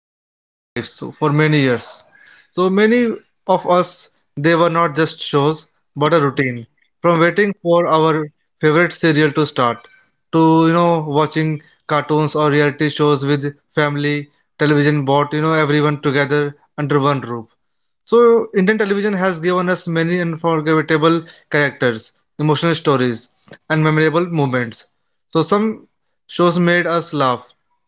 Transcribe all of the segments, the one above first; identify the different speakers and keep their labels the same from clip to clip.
Speaker 1: of our daily lives for many years. So, many of us, they were not just shows, but a routine. From waiting for our favorite serial to start, to, watching cartoons or reality shows with family, television brought, everyone together under one roof. So, Indian television has given us many unforgettable characters, emotional stories, and memorable moments. So, some shows made us laugh,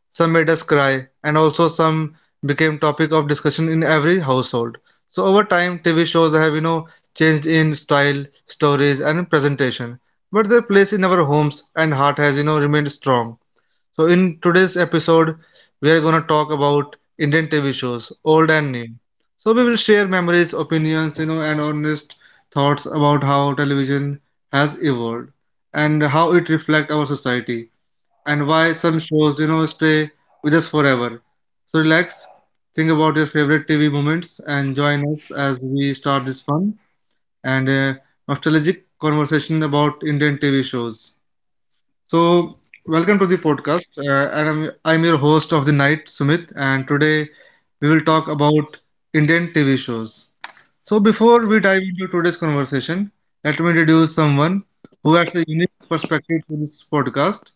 Speaker 1: some made us cry, and also some became topic of discussion in every household. So over time, TV shows have changed in style, stories, and presentation, but their place in our homes and heart has remained strong. So in today's episode, we are gonna talk about Indian TV shows, old and new. So we will share memories, opinions, and honest thoughts about how television has evolved and how it reflects our society and why some shows, stay with us forever. So relax, think about your favorite TV moments, and join us as we start this fun and nostalgic conversation about Indian TV shows. So welcome to the podcast, and I'm your host of the night, Sumit, and today we will talk about Indian TV shows. So before we dive into today's conversation, let me introduce someone who has a unique perspective to this podcast.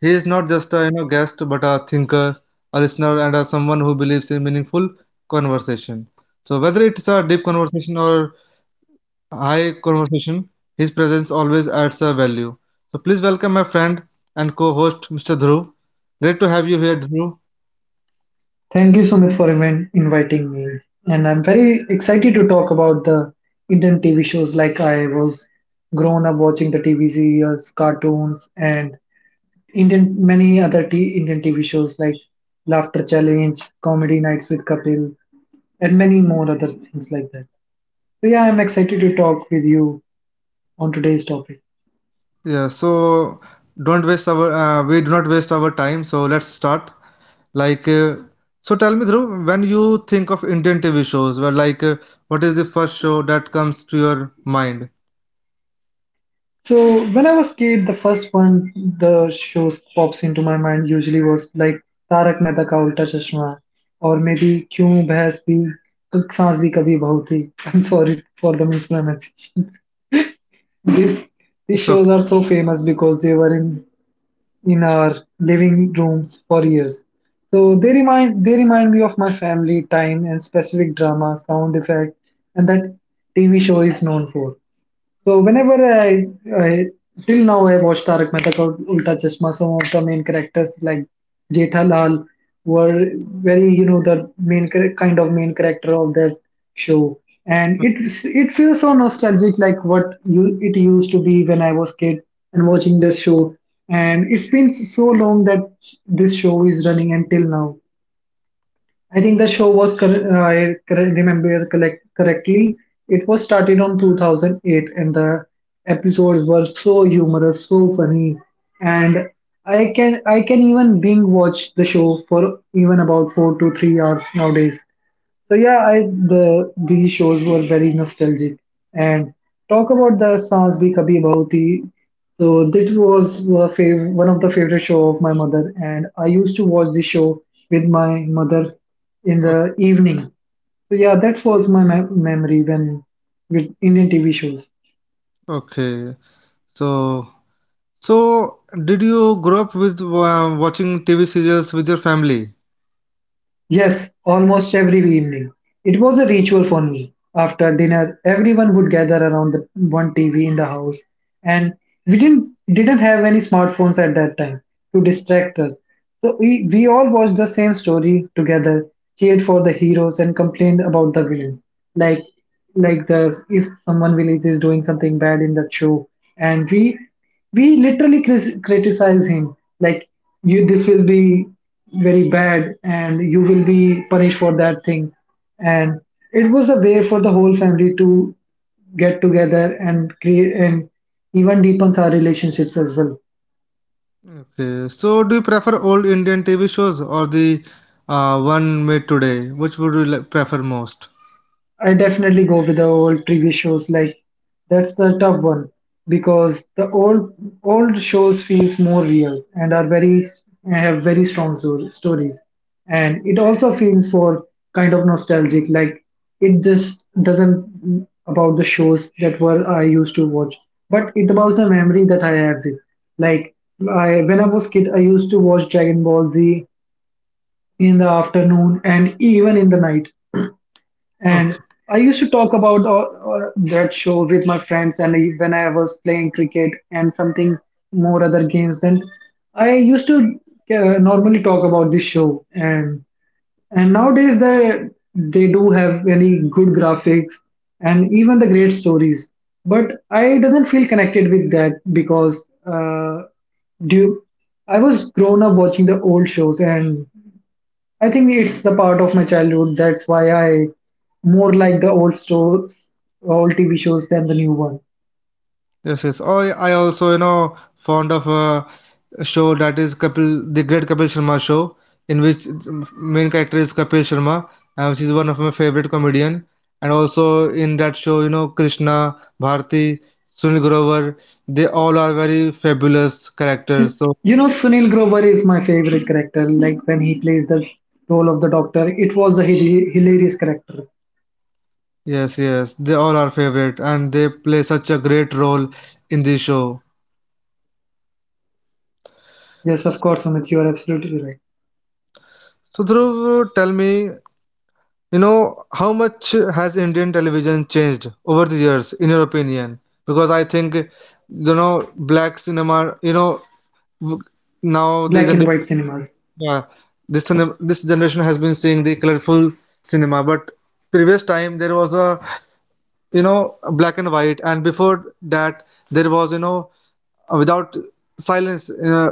Speaker 1: He is not just a guest, but a thinker, a listener, and a, someone who believes in meaningful conversation. So whether it's a deep conversation or a high conversation, his presence always adds a value. So please welcome my friend and co-host, Mr. Dhruv. Great to have you here, Dhruv.
Speaker 2: Thank you, Sumit, for even inviting me. And I'm very excited to talk about the Indian TV shows. Like I was grown up watching the TV series, cartoons, and Indian many other Indian TV shows like Laughter Challenge, Comedy Nights with Kapil, and many more other things like that. So yeah, I'm excited to talk with you on today's topic.
Speaker 1: Yeah, so don't waste our we do not waste our time. So let's start. Like, so tell me, Dhruv, when you think of Indian TV shows, well, like, what is the first show that comes to your mind?
Speaker 2: So when I was kid, the first one the shows pops into my mind usually was like Tarak Mehta Ka Ulta Chashma, or maybe Kyun Bhais Bhi Saans Bhi Kabhi Bahut Thi. I'm sorry for the mispronunciation. These these
Speaker 1: It's
Speaker 2: shows
Speaker 1: okay.
Speaker 2: are so famous because they were in our living rooms for years. So they remind me of my family time and specific drama, sound effect, and that TV show is known for. So whenever I till now I watched Tarak Mehta ka Ulta Chashma, some of the main characters like Jethalal were very the kind of main character of that show, and it feels so nostalgic like what you it used to be when I was kid and watching this show, and it's been so long that this show is running until now. I think the show was, uh, I remember correctly, it was started on 2008, and the episodes were so humorous, so funny, and I can even binge watch the show for even about 4 to 3 hours nowadays. So yeah, I the these shows were very nostalgic. And talk about the Saans Bhi Kabhi Bahu Thi. So this was a one of the favorite show of my mother, and I used to watch this show with my mother in
Speaker 1: O-
Speaker 2: the evening. So yeah, that was my memory when with Indian TV shows.
Speaker 1: Okay, so so did you grow up with watching TV serials with your family?
Speaker 2: Yes, almost every evening. It was a ritual for me. After dinner, everyone would gather around the one TV in the house, and we didn't have any smartphones at that time to distract us. So we all watched the same story together, cheered for the heroes and complained about the villains. Like the if someone villains is doing something bad in that show, and we literally criticize him like you this will be very bad and you will be punished for that thing, and it was a way for the whole family to get together and create and even deepens our relationships as well.
Speaker 1: Okay, so do you prefer old Indian TV shows or the one made today? Which would you like, prefer most?
Speaker 2: I definitely go with the old TV shows. Like that's the tough one, because the old shows feels more real and are very have very strong stories. And it also feels for kind of nostalgic. Like it just doesn't about the shows that were I used to watch, but it about the memory that I have with. Like I when I was kid, I used to watch Dragon Ball Z in the afternoon and even in the night, and
Speaker 1: Okay.
Speaker 2: I used to talk about that show with my friends, and when I was playing cricket and something more other games, then I used to normally talk about this show. And nowadays they do have very good graphics and even the great stories. But I doesn't feel connected with that because uh, due I was grown up watching the old shows, and I think it's the part of my childhood. That's why I more like the old store, old TV shows than the new one.
Speaker 1: Yes, yes. Oh, yeah, I also, you know, fond of a show that is Kapil, the Great Kapil Sharma Show, in which main character is Kapil Sharma, which is one of my favorite comedian. And also in that show, you know, Krishna, Bharti, Sunil Grover, they all are very fabulous characters. So
Speaker 2: You know, Sunil Grover is my favorite character. Like when he plays the role of the doctor, it was a hilarious character.
Speaker 1: yes, yes, they all are favorite, and they play such a great role in the show.
Speaker 2: Yes, of course, Amit, you are absolutely right.
Speaker 1: So Dhruv, tell me, you know, how much has Indian television changed over the years, in your opinion? Because I think, you know, black cinema, w- now the
Speaker 2: Black and
Speaker 1: generation,
Speaker 2: white cinemas.
Speaker 1: yeah, this, this generation has been seeing the colorful cinema, but previous time there was a, you know, black and white, and before that there was, you know, without silence,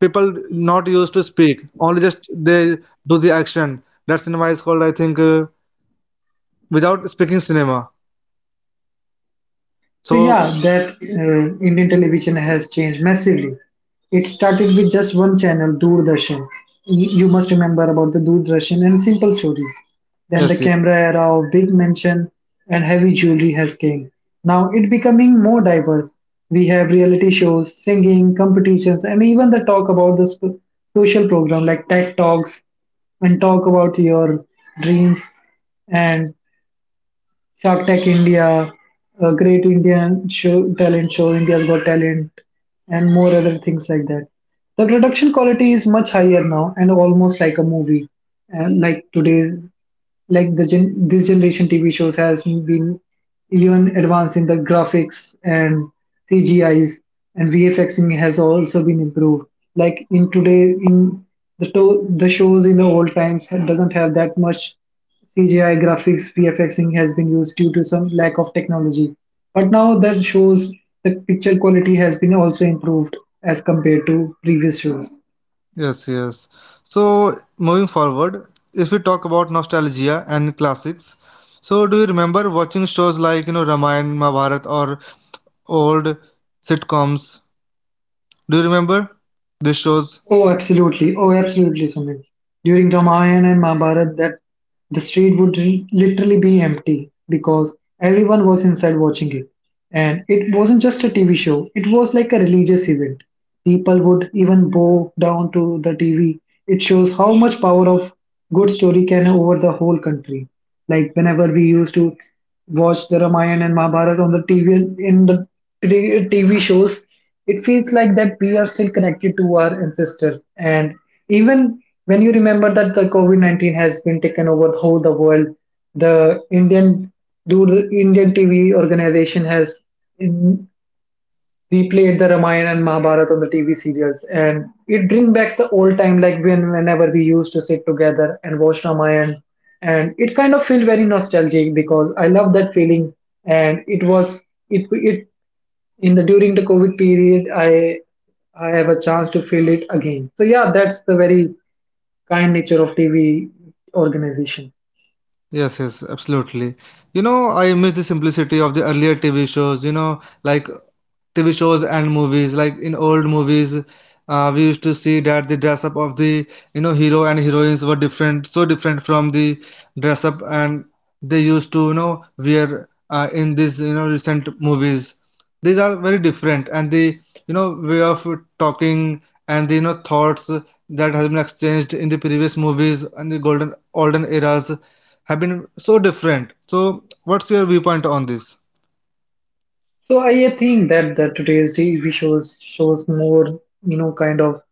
Speaker 1: people not used to speak, only just they do the action. That cinema is called, I think, without speaking cinema.
Speaker 2: So
Speaker 1: So,
Speaker 2: yeah, that Indian television has changed massively. It started with just one channel, Doordarshan. You must remember about the Doordarshan and simple stories. Then the
Speaker 1: yes, yes,
Speaker 2: camera era of big mansion and heavy jewelry has came. Now it becoming more diverse. We have reality shows, singing competitions, and even the talk about the social program like tech talks and talk about your dreams and Shark Tech India, a great Indian show, talent show, India's Got Talent, and more other things like that. The production quality is much higher now and almost like a movie, and like today's like the this generation TV shows has been even advanced in the graphics and CGIs, and VFXing has also been improved. Like in today, the shows in the old times doesn't have that much CGI graphics VFXing has been used due to some lack of technology. But now that shows the picture quality has been also improved as compared to previous shows.
Speaker 1: yes, yes. So, moving forward, if we talk about nostalgia and classics, so do you remember watching shows like, you know, Ramayana, Mahabharata, or old sitcoms? Do you remember these shows?
Speaker 2: Oh, absolutely. Oh, absolutely, Sumit. During Ramayana and Mahabharata, that the street would literally be empty because everyone was inside watching it. And it wasn't just a TV show, it was like a religious event. People would even bow down to the TV. It shows how much power of good story can over the whole country. Like whenever we used to watch the Ramayana and Mahabharata on the TV in the t- TV shows, it feels like that we are still connected to our ancestors. And even when you remember that the COVID 19 has been taken over the whole the world, the Indian, the Indian TV organization has we played the Ramayana and Mahabharata on the TV serials, and it brings back the old time, like when whenever we used to sit together and watch Ramayana, and it kind of feel very nostalgic because I love that feeling, and it was it it in the during the COVID period, I have a chance to feel it again. So yeah, that's the very kind nature of TV organization.
Speaker 1: Yes, yes, absolutely. You know, I miss the simplicity of the earlier TV shows, you know, like TV shows and movies. Like in old movies, we used to see that the dress up of the, you know, hero and heroines were different, so different from the dress up and they used to, you know, wear in these, you know, recent movies. These are very different and the, you know, way of talking and the, you know, thoughts that has been exchanged in the previous movies and the golden, olden eras have been so different. So, what's your viewpoint on this?
Speaker 2: So I think that today's TV shows shows more, you know, kind of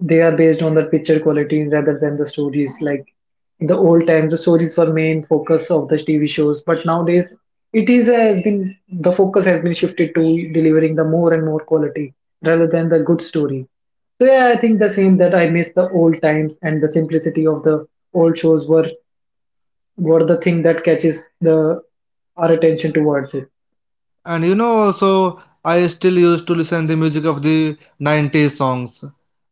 Speaker 2: they are based on the picture quality rather than the stories. Like in the old times, the stories were main focus of the TV shows, but nowadays it is has been the focus has been shifted to delivering the more and more quality rather than the good story. So yeah, I think the same, that I miss the old times, and the simplicity of the old shows were the thing that catches the our attention towards it.
Speaker 1: And you know, also, I still used to listen the music of the 90s songs.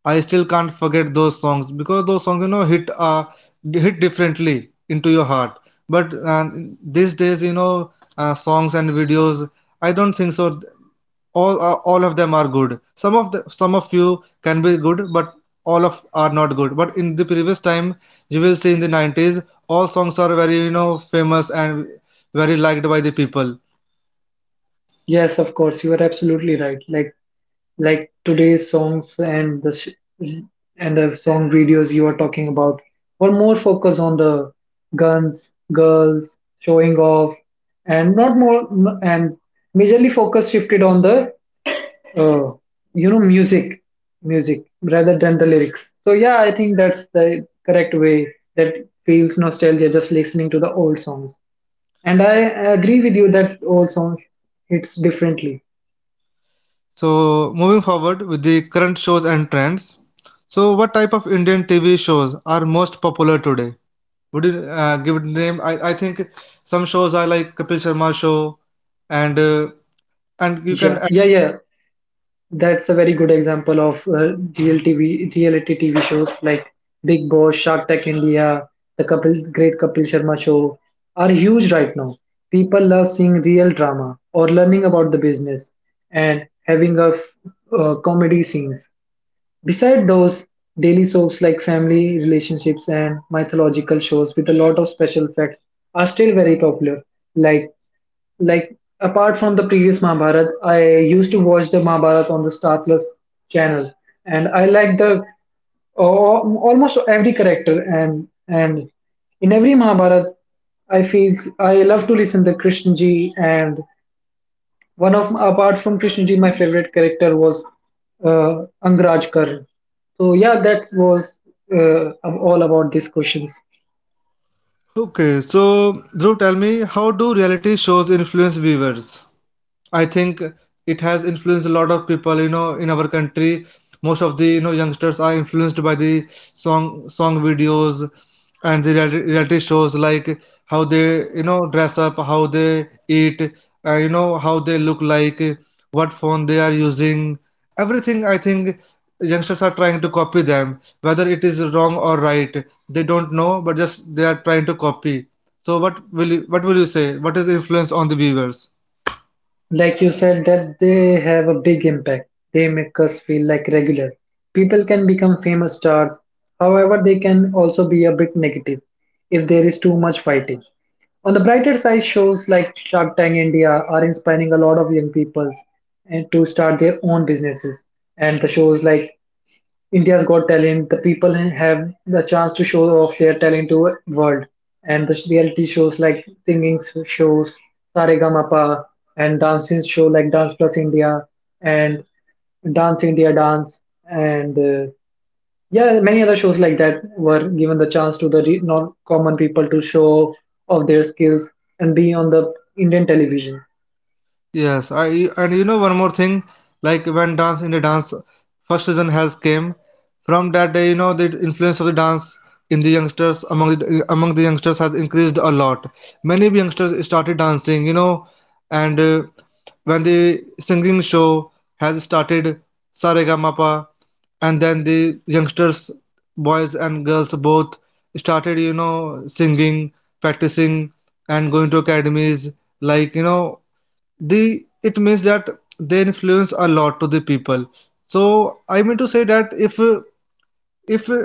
Speaker 1: I still can't forget those songs because those songs, you know, hit differently into your heart. But these days, you know, songs and videos, I don't think so. All are all of them are good. Some of the some of you can be good, but all of are not good. But in the previous time, you will see in the 90s, all songs are very famous and very liked by the people.
Speaker 2: Yes, of course, you are absolutely right. Like today's songs and the sh and the song videos you are talking about were more focused on the guns, girls, showing off, and not more and majorly focus shifted on the uh, music, music rather than the lyrics. So yeah, I think that's the correct way, that feels nostalgia just listening to the old songs. And I agree with you that old songs hits differently.
Speaker 1: So moving forward with the current shows and trends. So what type of Indian TV shows are most popular today? Would you give it name? I think some shows are like Kapil Sharma show and uh, and you can
Speaker 2: Yeah, yeah, yeah. That's a very good example of reality TV shows like Big Boss, Shark Tank India, the couple, great Kapil Sharma show are huge right now. People love seeing real drama or learning about the business and having a comedy scenes. Beside those, daily soaps like family, relationships, and mythological shows with a lot of special effects are still very popular. Like apart from the previous Mahabharat, I used to watch the Mahabharat on the Star Plus channel, and I like the almost every character, and in every Mahabharat, I feel I love to listen to Krishna ji, and one of apart from Krishnaji, my favorite character was Angraj Kar. So yeah, that was all about these questions.
Speaker 1: okay, so Dhruv, tell me, how do reality shows influence viewers? I think it has influenced a lot of people, you know, in our country. Most of the youngsters are influenced by the song videos and the reality shows like how they dress up, how they eat, you know how they look like, what phone they are using, everything. I think youngsters are trying to copy them, whether it is wrong or right. They don't know, but just they are trying to copy. So what will you say? What is the influence on the viewers?
Speaker 2: Like you said, that they have a big impact. They make us feel like regular. People can become famous stars. However, they can also be a bit negative if there is too much fighting. On the brighter side, shows like Shark Tank India are inspiring a lot of young people and to start their own businesses. And the shows like India's Got Talent, the people have the chance to show off their talent to world, and the reality shows like singing shows, Saregamapa, and dancing show like Dance Plus India, and Dance India Dance, and yeah, many other shows like that were given the chance to the non-common people to show off their skills and be on the Indian television.
Speaker 1: Yes, I and you know one more thing, like when dance in the dance first season has came, from that day you know the influence of the dance in the youngsters among the youngsters has increased a lot. Many youngsters started dancing, you know, and when the singing show has started, Saregamapa, and then the youngsters, boys and girls both started, you know, singing, practicing, and going to academies like you know the it means that they influence a lot to the people. So I mean to say that if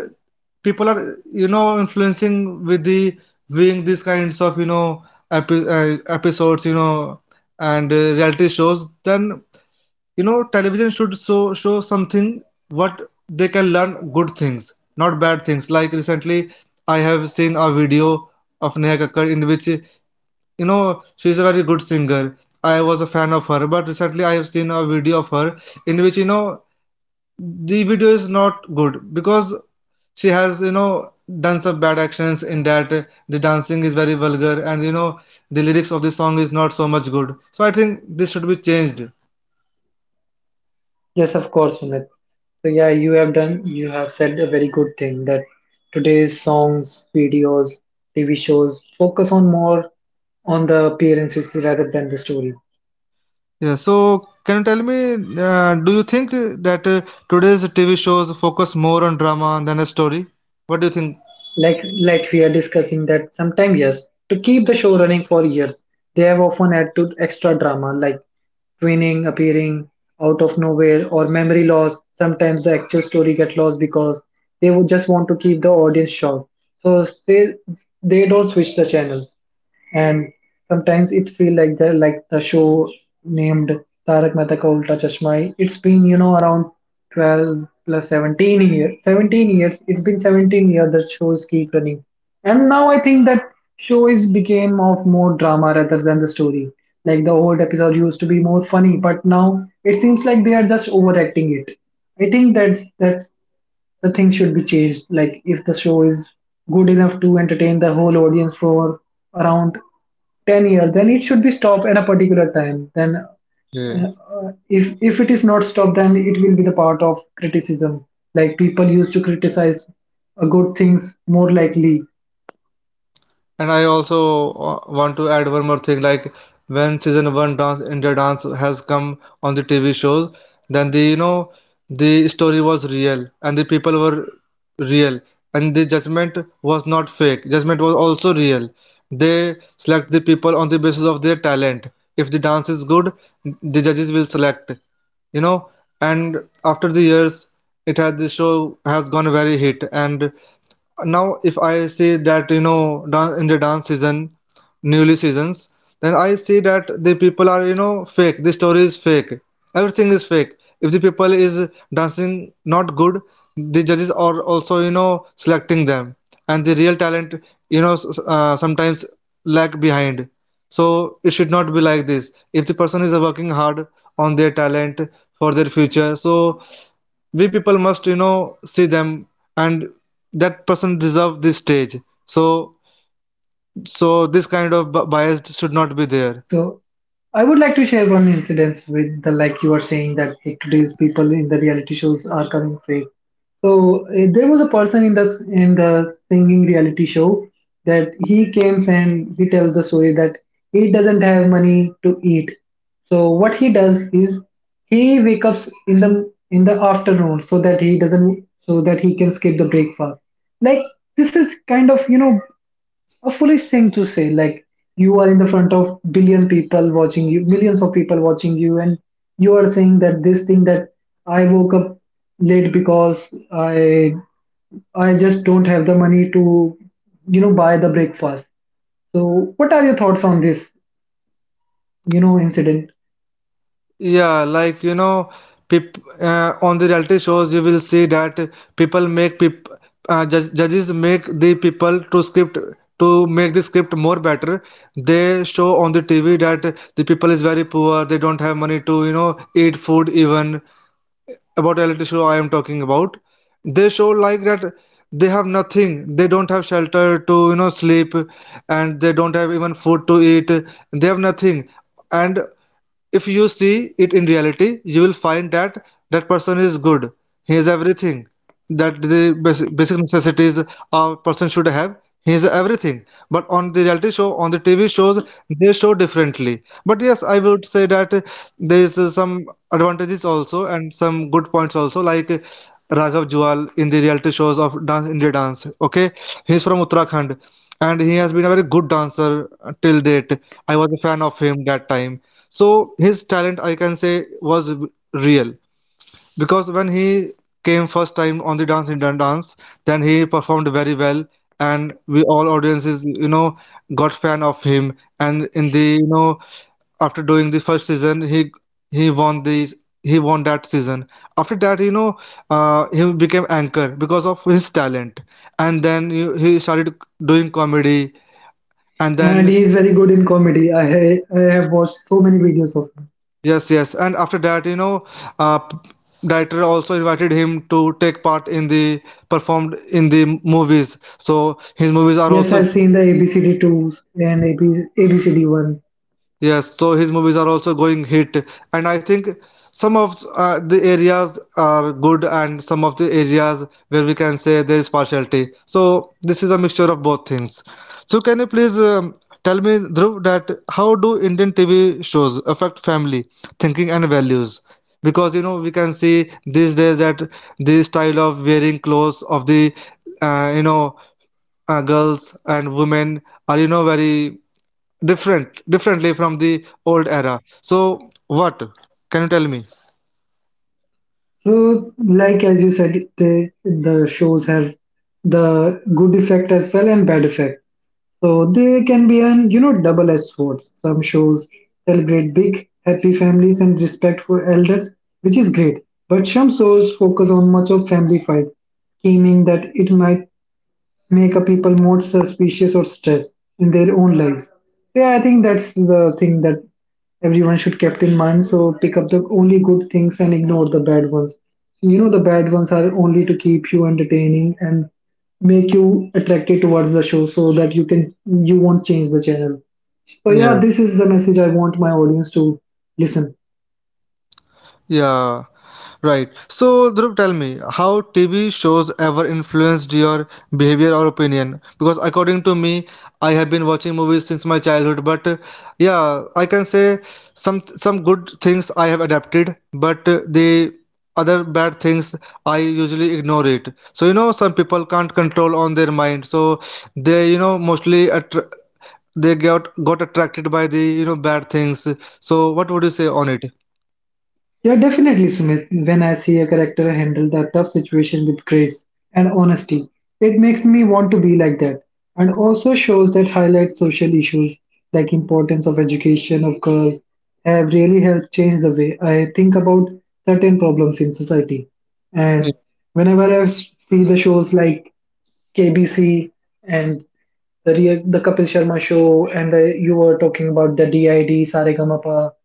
Speaker 1: people are you know influencing with the viewing these kinds of you know episodes you know and reality shows, then you know television should show something what they can learn, good things, not bad things. Like recently I have seen a video of Neha Kakkar, in which you know she's a very good singer. I was a fan of her, but recently I have seen a video of her in which you know the video is not good because she has you know done some bad actions in that. The dancing is very vulgar and you know the lyrics of the song is not so much good, so I think this should be changed.
Speaker 2: Yes, of course, Sumit. So yeah, you have said a very good thing, that today's songs, videos, TV shows focus on more on the appearances rather than the story.
Speaker 1: Yeah, so can you tell me, do you think that today's TV shows focus more on drama than a story? What do you think?
Speaker 2: Like we are discussing that sometimes yes, to keep the show running for years, they have often added to extra drama like twinning, appearing out of nowhere, or memory loss. Sometimes the actual story get lost because they would just want to keep the audience shocked. So they don't switch the channels. And sometimes it feel like the show named Tarak Mehta Ka Ulta Chashma. It's been you know around 12 plus 17 years. 17 years. It's been 17 years that shows keep running, and now I think that show is became of more drama rather than the story. Like the old episode used to be more funny, but now it seems like they are just overacting it. I think that's the things should be changed. Like if the show is good enough to entertain the whole audience for around 10 years, then it should be stopped at a particular time. Then
Speaker 1: Yeah.
Speaker 2: if it is not stopped, then it will be the part of criticism. Like people used to criticize good things more likely.
Speaker 1: And I also want to add one more thing, like when season one dance India dance has come on the TV shows, then the you know the story was real and the people were real and the judgment was not fake. Judgment was also real. They select the people on the basis of their talent. If the dance is good, the judges will select, you know. And after the years, it has the show has gone very hit, and now if I say that you know in the dance season newly seasons, then I see that the people are you know fake, the story is fake, everything is fake. If the people is dancing not good, the judges are also you know selecting them, and the real talent you know sometimes lag behind. So it should not be like this. If the person is working hard on their talent for their future, so we people must you know see them, and that person deserve this stage. So this kind of bias should not be there.
Speaker 2: So I would like to share one incident with the, like you are saying that the today's people in the reality shows are coming fake. So there was a person in the singing reality show that he came and he tells the story that he doesn't have money to eat. So what he does is he wakes up in the afternoon so that he doesn't, so that he can skip the breakfast. Like, this is kind of a foolish thing to say, like you are in the front of billion people watching you, millions of people watching you, and you are saying that this thing, that I woke up late because i I just don't have the money to buy the breakfast. So what are your thoughts on this incident?
Speaker 1: Yeah, like you know on the reality shows you will see that people make peop- judges make the people to script, to make the script more better. They show on the TV that the people is very poor, they don't have money to you know eat food even. About reality show I am talking about. They show like that they have nothing. They don't have shelter to you know sleep, and they don't have even food to eat. They have nothing, and if you see it in reality, you will find that that person is good. He has everything, that the basic necessities a person should have. He has everything. But on the reality show, on the TV shows, they show differently. But yes, I would say that there is some advantages also and some good points also, like Raghav Jual in the reality shows of Dance India Dance. Okay, he's from Uttarakhand and he has been a very good dancer till date. I was a fan of him that time, so his talent, I can say, was real, because when he came first time on the Dance Indian Dance, then he performed very well and we all audiences, got fan of him. And in the you know after doing the first season, he won the he won that season. After that, he became anchor because of his talent. And then he started doing comedy, and
Speaker 2: And
Speaker 1: then
Speaker 2: he is very good in comedy. I have watched so many videos of him.
Speaker 1: yes, yes. And after that, you know, uh, p- director also invited him to take part in the performed in the movies. So his movies are
Speaker 2: Yes,
Speaker 1: also,
Speaker 2: I've seen the abcd2 and abcd1.
Speaker 1: yes, so his movies are also going hit, and I think some of the areas are good, and some of the areas where we can say there is partiality. So this is a mixture of both things. So can you please tell me, Dhruv, that how do Indian TV shows affect family thinking and values? Because you know we can see these days that the style of wearing clothes of the uh, you know girls and women are, you know, very different differently from the old era. So what can you tell me?
Speaker 2: So, like as you said, they, the shows have the good effect as well and bad effect. So they can be an double-edged swords. Some shows celebrate big, happy families and respect for elders, which is great. But some shows focus on much of family fights, scheming, that it might make a people more suspicious or stressed in their own lives. So, yeah, I think that's the thing that everyone should kept in mind. So pick up the only good things and ignore the bad ones. So, you know, the bad ones are only to keep you entertaining and make you attracted towards the show so that you can, you won't change the channel. So yeah,
Speaker 1: Yes,
Speaker 2: this is the message I want my audience to listen.
Speaker 1: yeah, right. So Dhruv, tell me how TV shows ever influenced your behavior or opinion, because according to me, I have been watching movies since my childhood, but yeah, I can say some good things I have adapted, but the other bad things I usually ignore it. So you know, some people can't control on their mind, so they, you know, mostly attr they got attracted by the, you know, bad things. So what would you say on it?
Speaker 2: Yeah, definitely, Sumit. When I see a character handle the tough situation with grace and honesty, it makes me want to be like that. And also shows that highlight social issues like importance of education of girls have really helped change the way I think about certain problems in society. And whenever see the shows like KBC and the the Kapil Sharma show, and the, you were talking about the DID, Saregamapa.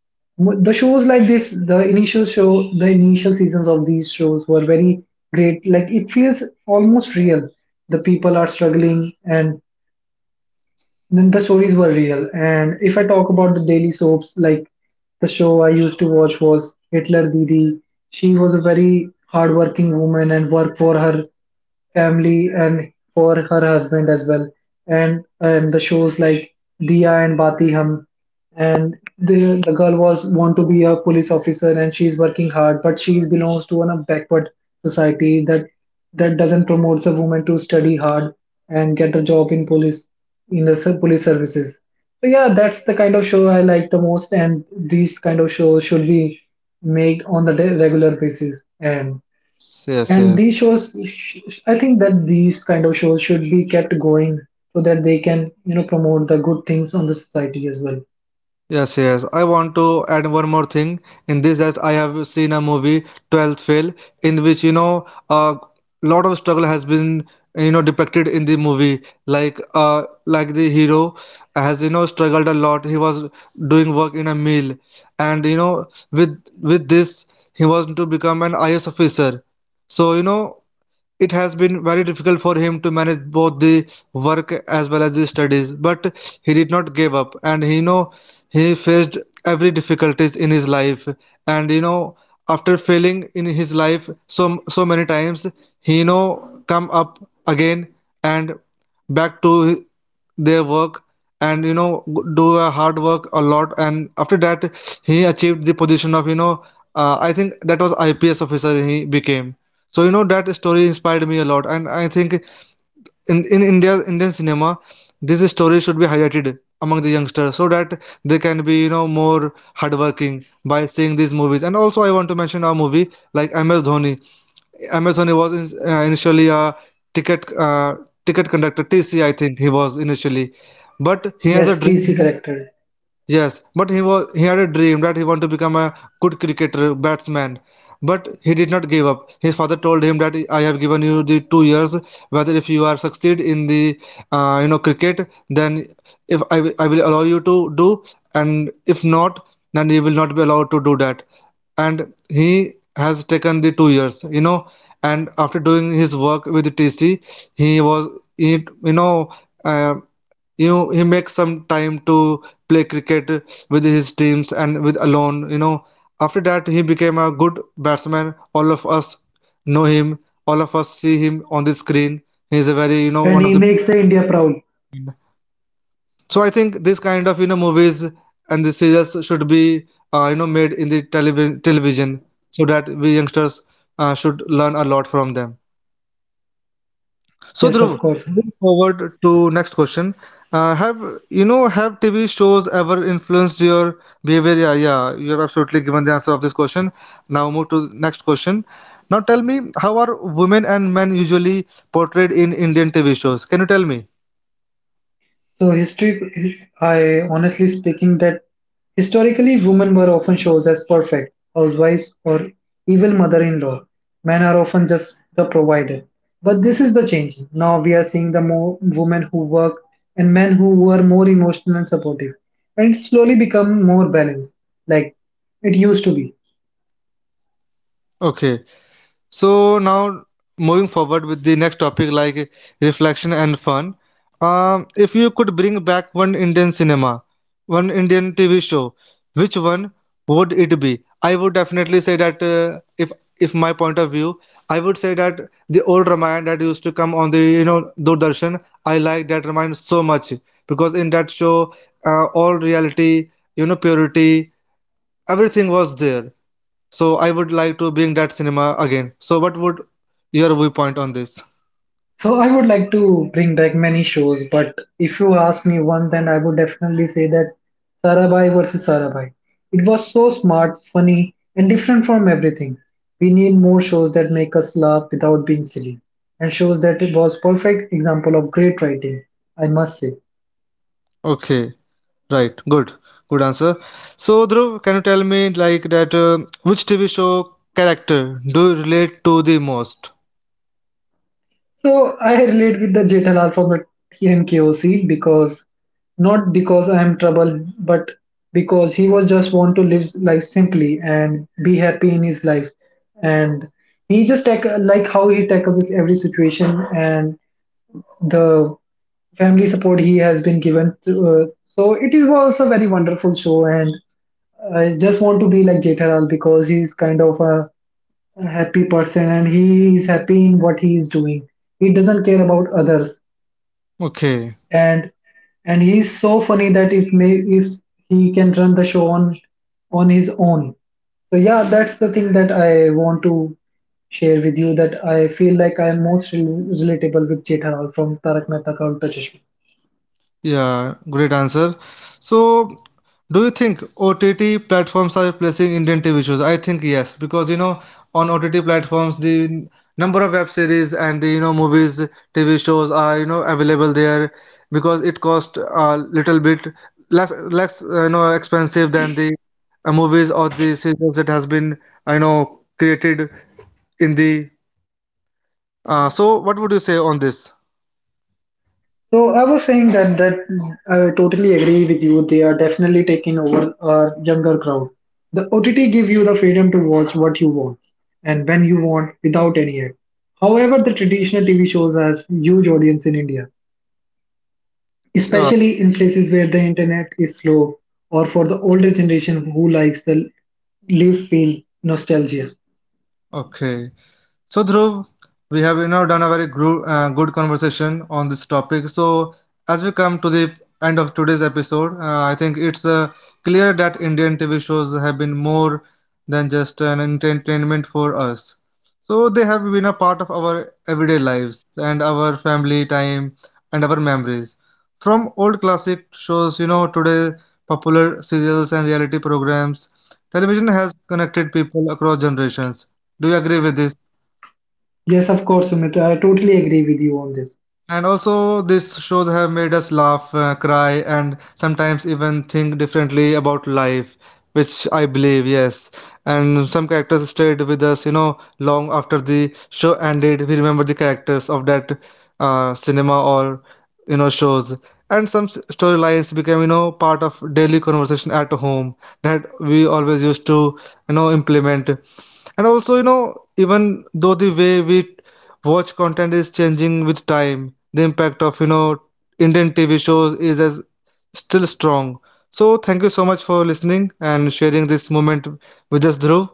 Speaker 2: The shows like this, the initial show, the initial seasons of these shows were very great. Like it feels almost real. The people are struggling, and then the stories were real. And if I talk about the daily soaps, like the show I used to watch was Hitler Didi. She was a very hardworking woman and worked for her family and for her husband as well. And the shows like Diya and Bati Hum. And the girl was want to be a police officer, and she's working hard, but she belongs to a backward society that doesn't promote a woman to study hard and get a job in police, in the police services. So yeah, that's the kind of show I like the most, and these kind of shows should be made on the regular basis.
Speaker 1: Yes, yes,
Speaker 2: And
Speaker 1: yes,
Speaker 2: these shows, I think that these kind of shows should be kept going so that they can, you know, promote the good things on the society as well.
Speaker 1: yes, yes, I want to add one more thing in this, that I have seen a movie, 12th Fail, in which, you know, a lot of struggle has been, you know, depicted in the movie, like the hero has, you know, struggled a lot. He was doing work in a mill, and you know, with with this, he was to become an IAS officer. So you know, it has been very difficult for him to manage both the work as well as the studies, but he did not give up, and he know he faced every difficulties in his life. And you know, after failing in his life so so many times, he, you know, come up again and back to their work, and you know, do a hard work a lot. And after that, he achieved the position of, you know, I think that was IPS officer he became. So you know, that story inspired me a lot, and I think in India Indian cinema, this story should be highlighted among the youngsters, so that they can be, you know, more hardworking by seeing these movies. And also, I want to mention a movie like MS Dhoni. MS Dhoni was in, initially a ticket uh, ticket conductor, TC, I think he was initially, but he has a
Speaker 2: Yes,
Speaker 1: dream.
Speaker 2: TC corrected.
Speaker 1: Yes, but he had a dream that he wanted to become a good cricketer, batsman. But he did not give up. His father told him that I have given you the 2 years. Whether if you are succeed in the cricket, then if I, will- I will allow you to do, and if not, then you will not be allowed to do that. And he has taken the 2 years, you know. And after doing his work with the TC, he was he you know. Uh, you know, he makes some time to play cricket with his teams and with alone, you know. After that, he became a good batsman. All of us know him, all of us see him on the screen. He is a very, you know,
Speaker 2: And
Speaker 1: one of
Speaker 2: he
Speaker 1: the.
Speaker 2: makes the India proud.
Speaker 1: So I think this kind of, you know, movies and the series should be made in the television, so that we youngsters should learn a lot from them. So
Speaker 2: Yes,
Speaker 1: Dhruv,
Speaker 2: of course.
Speaker 1: moving forward to next question, have have TV shows ever influenced your behavior? Yeah, yeah, you have absolutely given the answer of this question. Now move to next question. Now tell me, how are women and men usually portrayed in Indian TV shows? Can you tell me?
Speaker 2: So history, I honestly speaking that historically women were often shown as perfect housewives or evil mother-in-law. Men are often just the provider. But this is the change. Now we are seeing the more women who work and men who are more emotional and supportive. And it's slowly become more balanced, like it used to be.
Speaker 1: Okay. So now moving forward with the next topic, like reflection and fun. If you could bring back one Indian cinema, one Indian TV show, which one would it be? I would definitely say that if my point of view, I would say that the old Ramayana that used to come on the, you know, Doordarshan. I like that Ramayana so much, because in that show, all reality, you know, purity, everything was there. So I would like to bring that cinema again. So what would your viewpoint on this?
Speaker 2: So I would like to bring back many shows, but if you ask me one, then I would definitely say that Sarabhai versus Sarabhai. It was so smart, funny, and different from everything. We need more shows that make us laugh without being silly, and shows that it was perfect example of great writing, I must say.
Speaker 1: Okay, right, good, good answer. So Dhruv, can you tell me like that which TV show character do you relate to the most?
Speaker 2: So I relate with the Jethalal from the TMKOC because, not because I am troubled, but because he was just want to live life simply and be happy in his life, and he just tack like how he tackles this every situation and the family support he has been given. To, so it is was a very wonderful show, and I just want to be like Jethalal because he's kind of a happy person and he is happy in what he is doing. He doesn't care about others,
Speaker 1: Okay.
Speaker 2: and he's so funny that it may is he can run the show on his own. So yeah, that's the thing that I want to share with you, that I feel like I'm most relatable with Jethalal from Tarak Mehta ka Ulta Chashma.
Speaker 1: Yeah, great answer. So, do you think OTT platforms are replacing Indian TV shows? I think yes, because you know, on OTT platforms, the number of web series and the, you know, movies, TV shows are, you know, available there, because it cost a little bit less less you know, expensive than the movies or the series that has been, I know, created in the. So, what would you say on this?
Speaker 2: So I was saying that I totally agree with you. They are definitely taking over a younger crowd. The OTT give you the freedom to watch what you want and when you want without any ad. However, the traditional TV shows has huge audience in India,
Speaker 1: Yeah,
Speaker 2: especially in places where the internet is slow, or for the older generation who likes the live feel, nostalgia.
Speaker 1: okay. So Dhruv, we have, you know, done a very good conversation on this topic. So as we come to the end of today's episode, I think it's clear that Indian TV shows have been more than just an entertainment for us. So they have been a part of our everyday lives and our family time and our memories. From old classic shows, you know, today popular serials and reality programs, television has connected people across generations. Do you agree with this?
Speaker 2: Yes, of course, Sumit, I totally agree with you on this.
Speaker 1: And also, these shows have made us laugh, cry, and sometimes even think differently about life, which I believe, yes. And some characters stayed with us, you know, long after the show ended. We remember the characters of that cinema, or, you know, shows. And some storylines became, you know, part of daily conversation at home, that we always used to, you know, implement. And also, you know, even though the way we watch content is changing with time, the impact of, you know, Indian TV shows is as still strong. So thank you so much for listening and sharing this moment with us, Dhruv.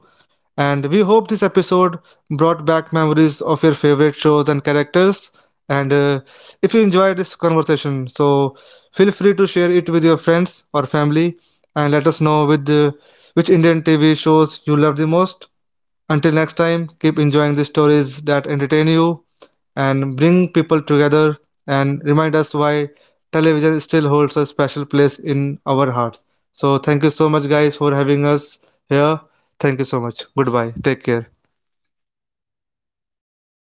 Speaker 1: And we hope this episode brought back memories of your favorite shows and characters. And if you enjoyed this conversation, so feel free to share it with your friends or family, and let us know with which Indian TV shows you love the most. Until next time, keep enjoying the stories that entertain you and bring people together, and remind us why television still holds a special place in our hearts. So, thank you so much, guys, for having us here. Thank you so much. Goodbye. Take care.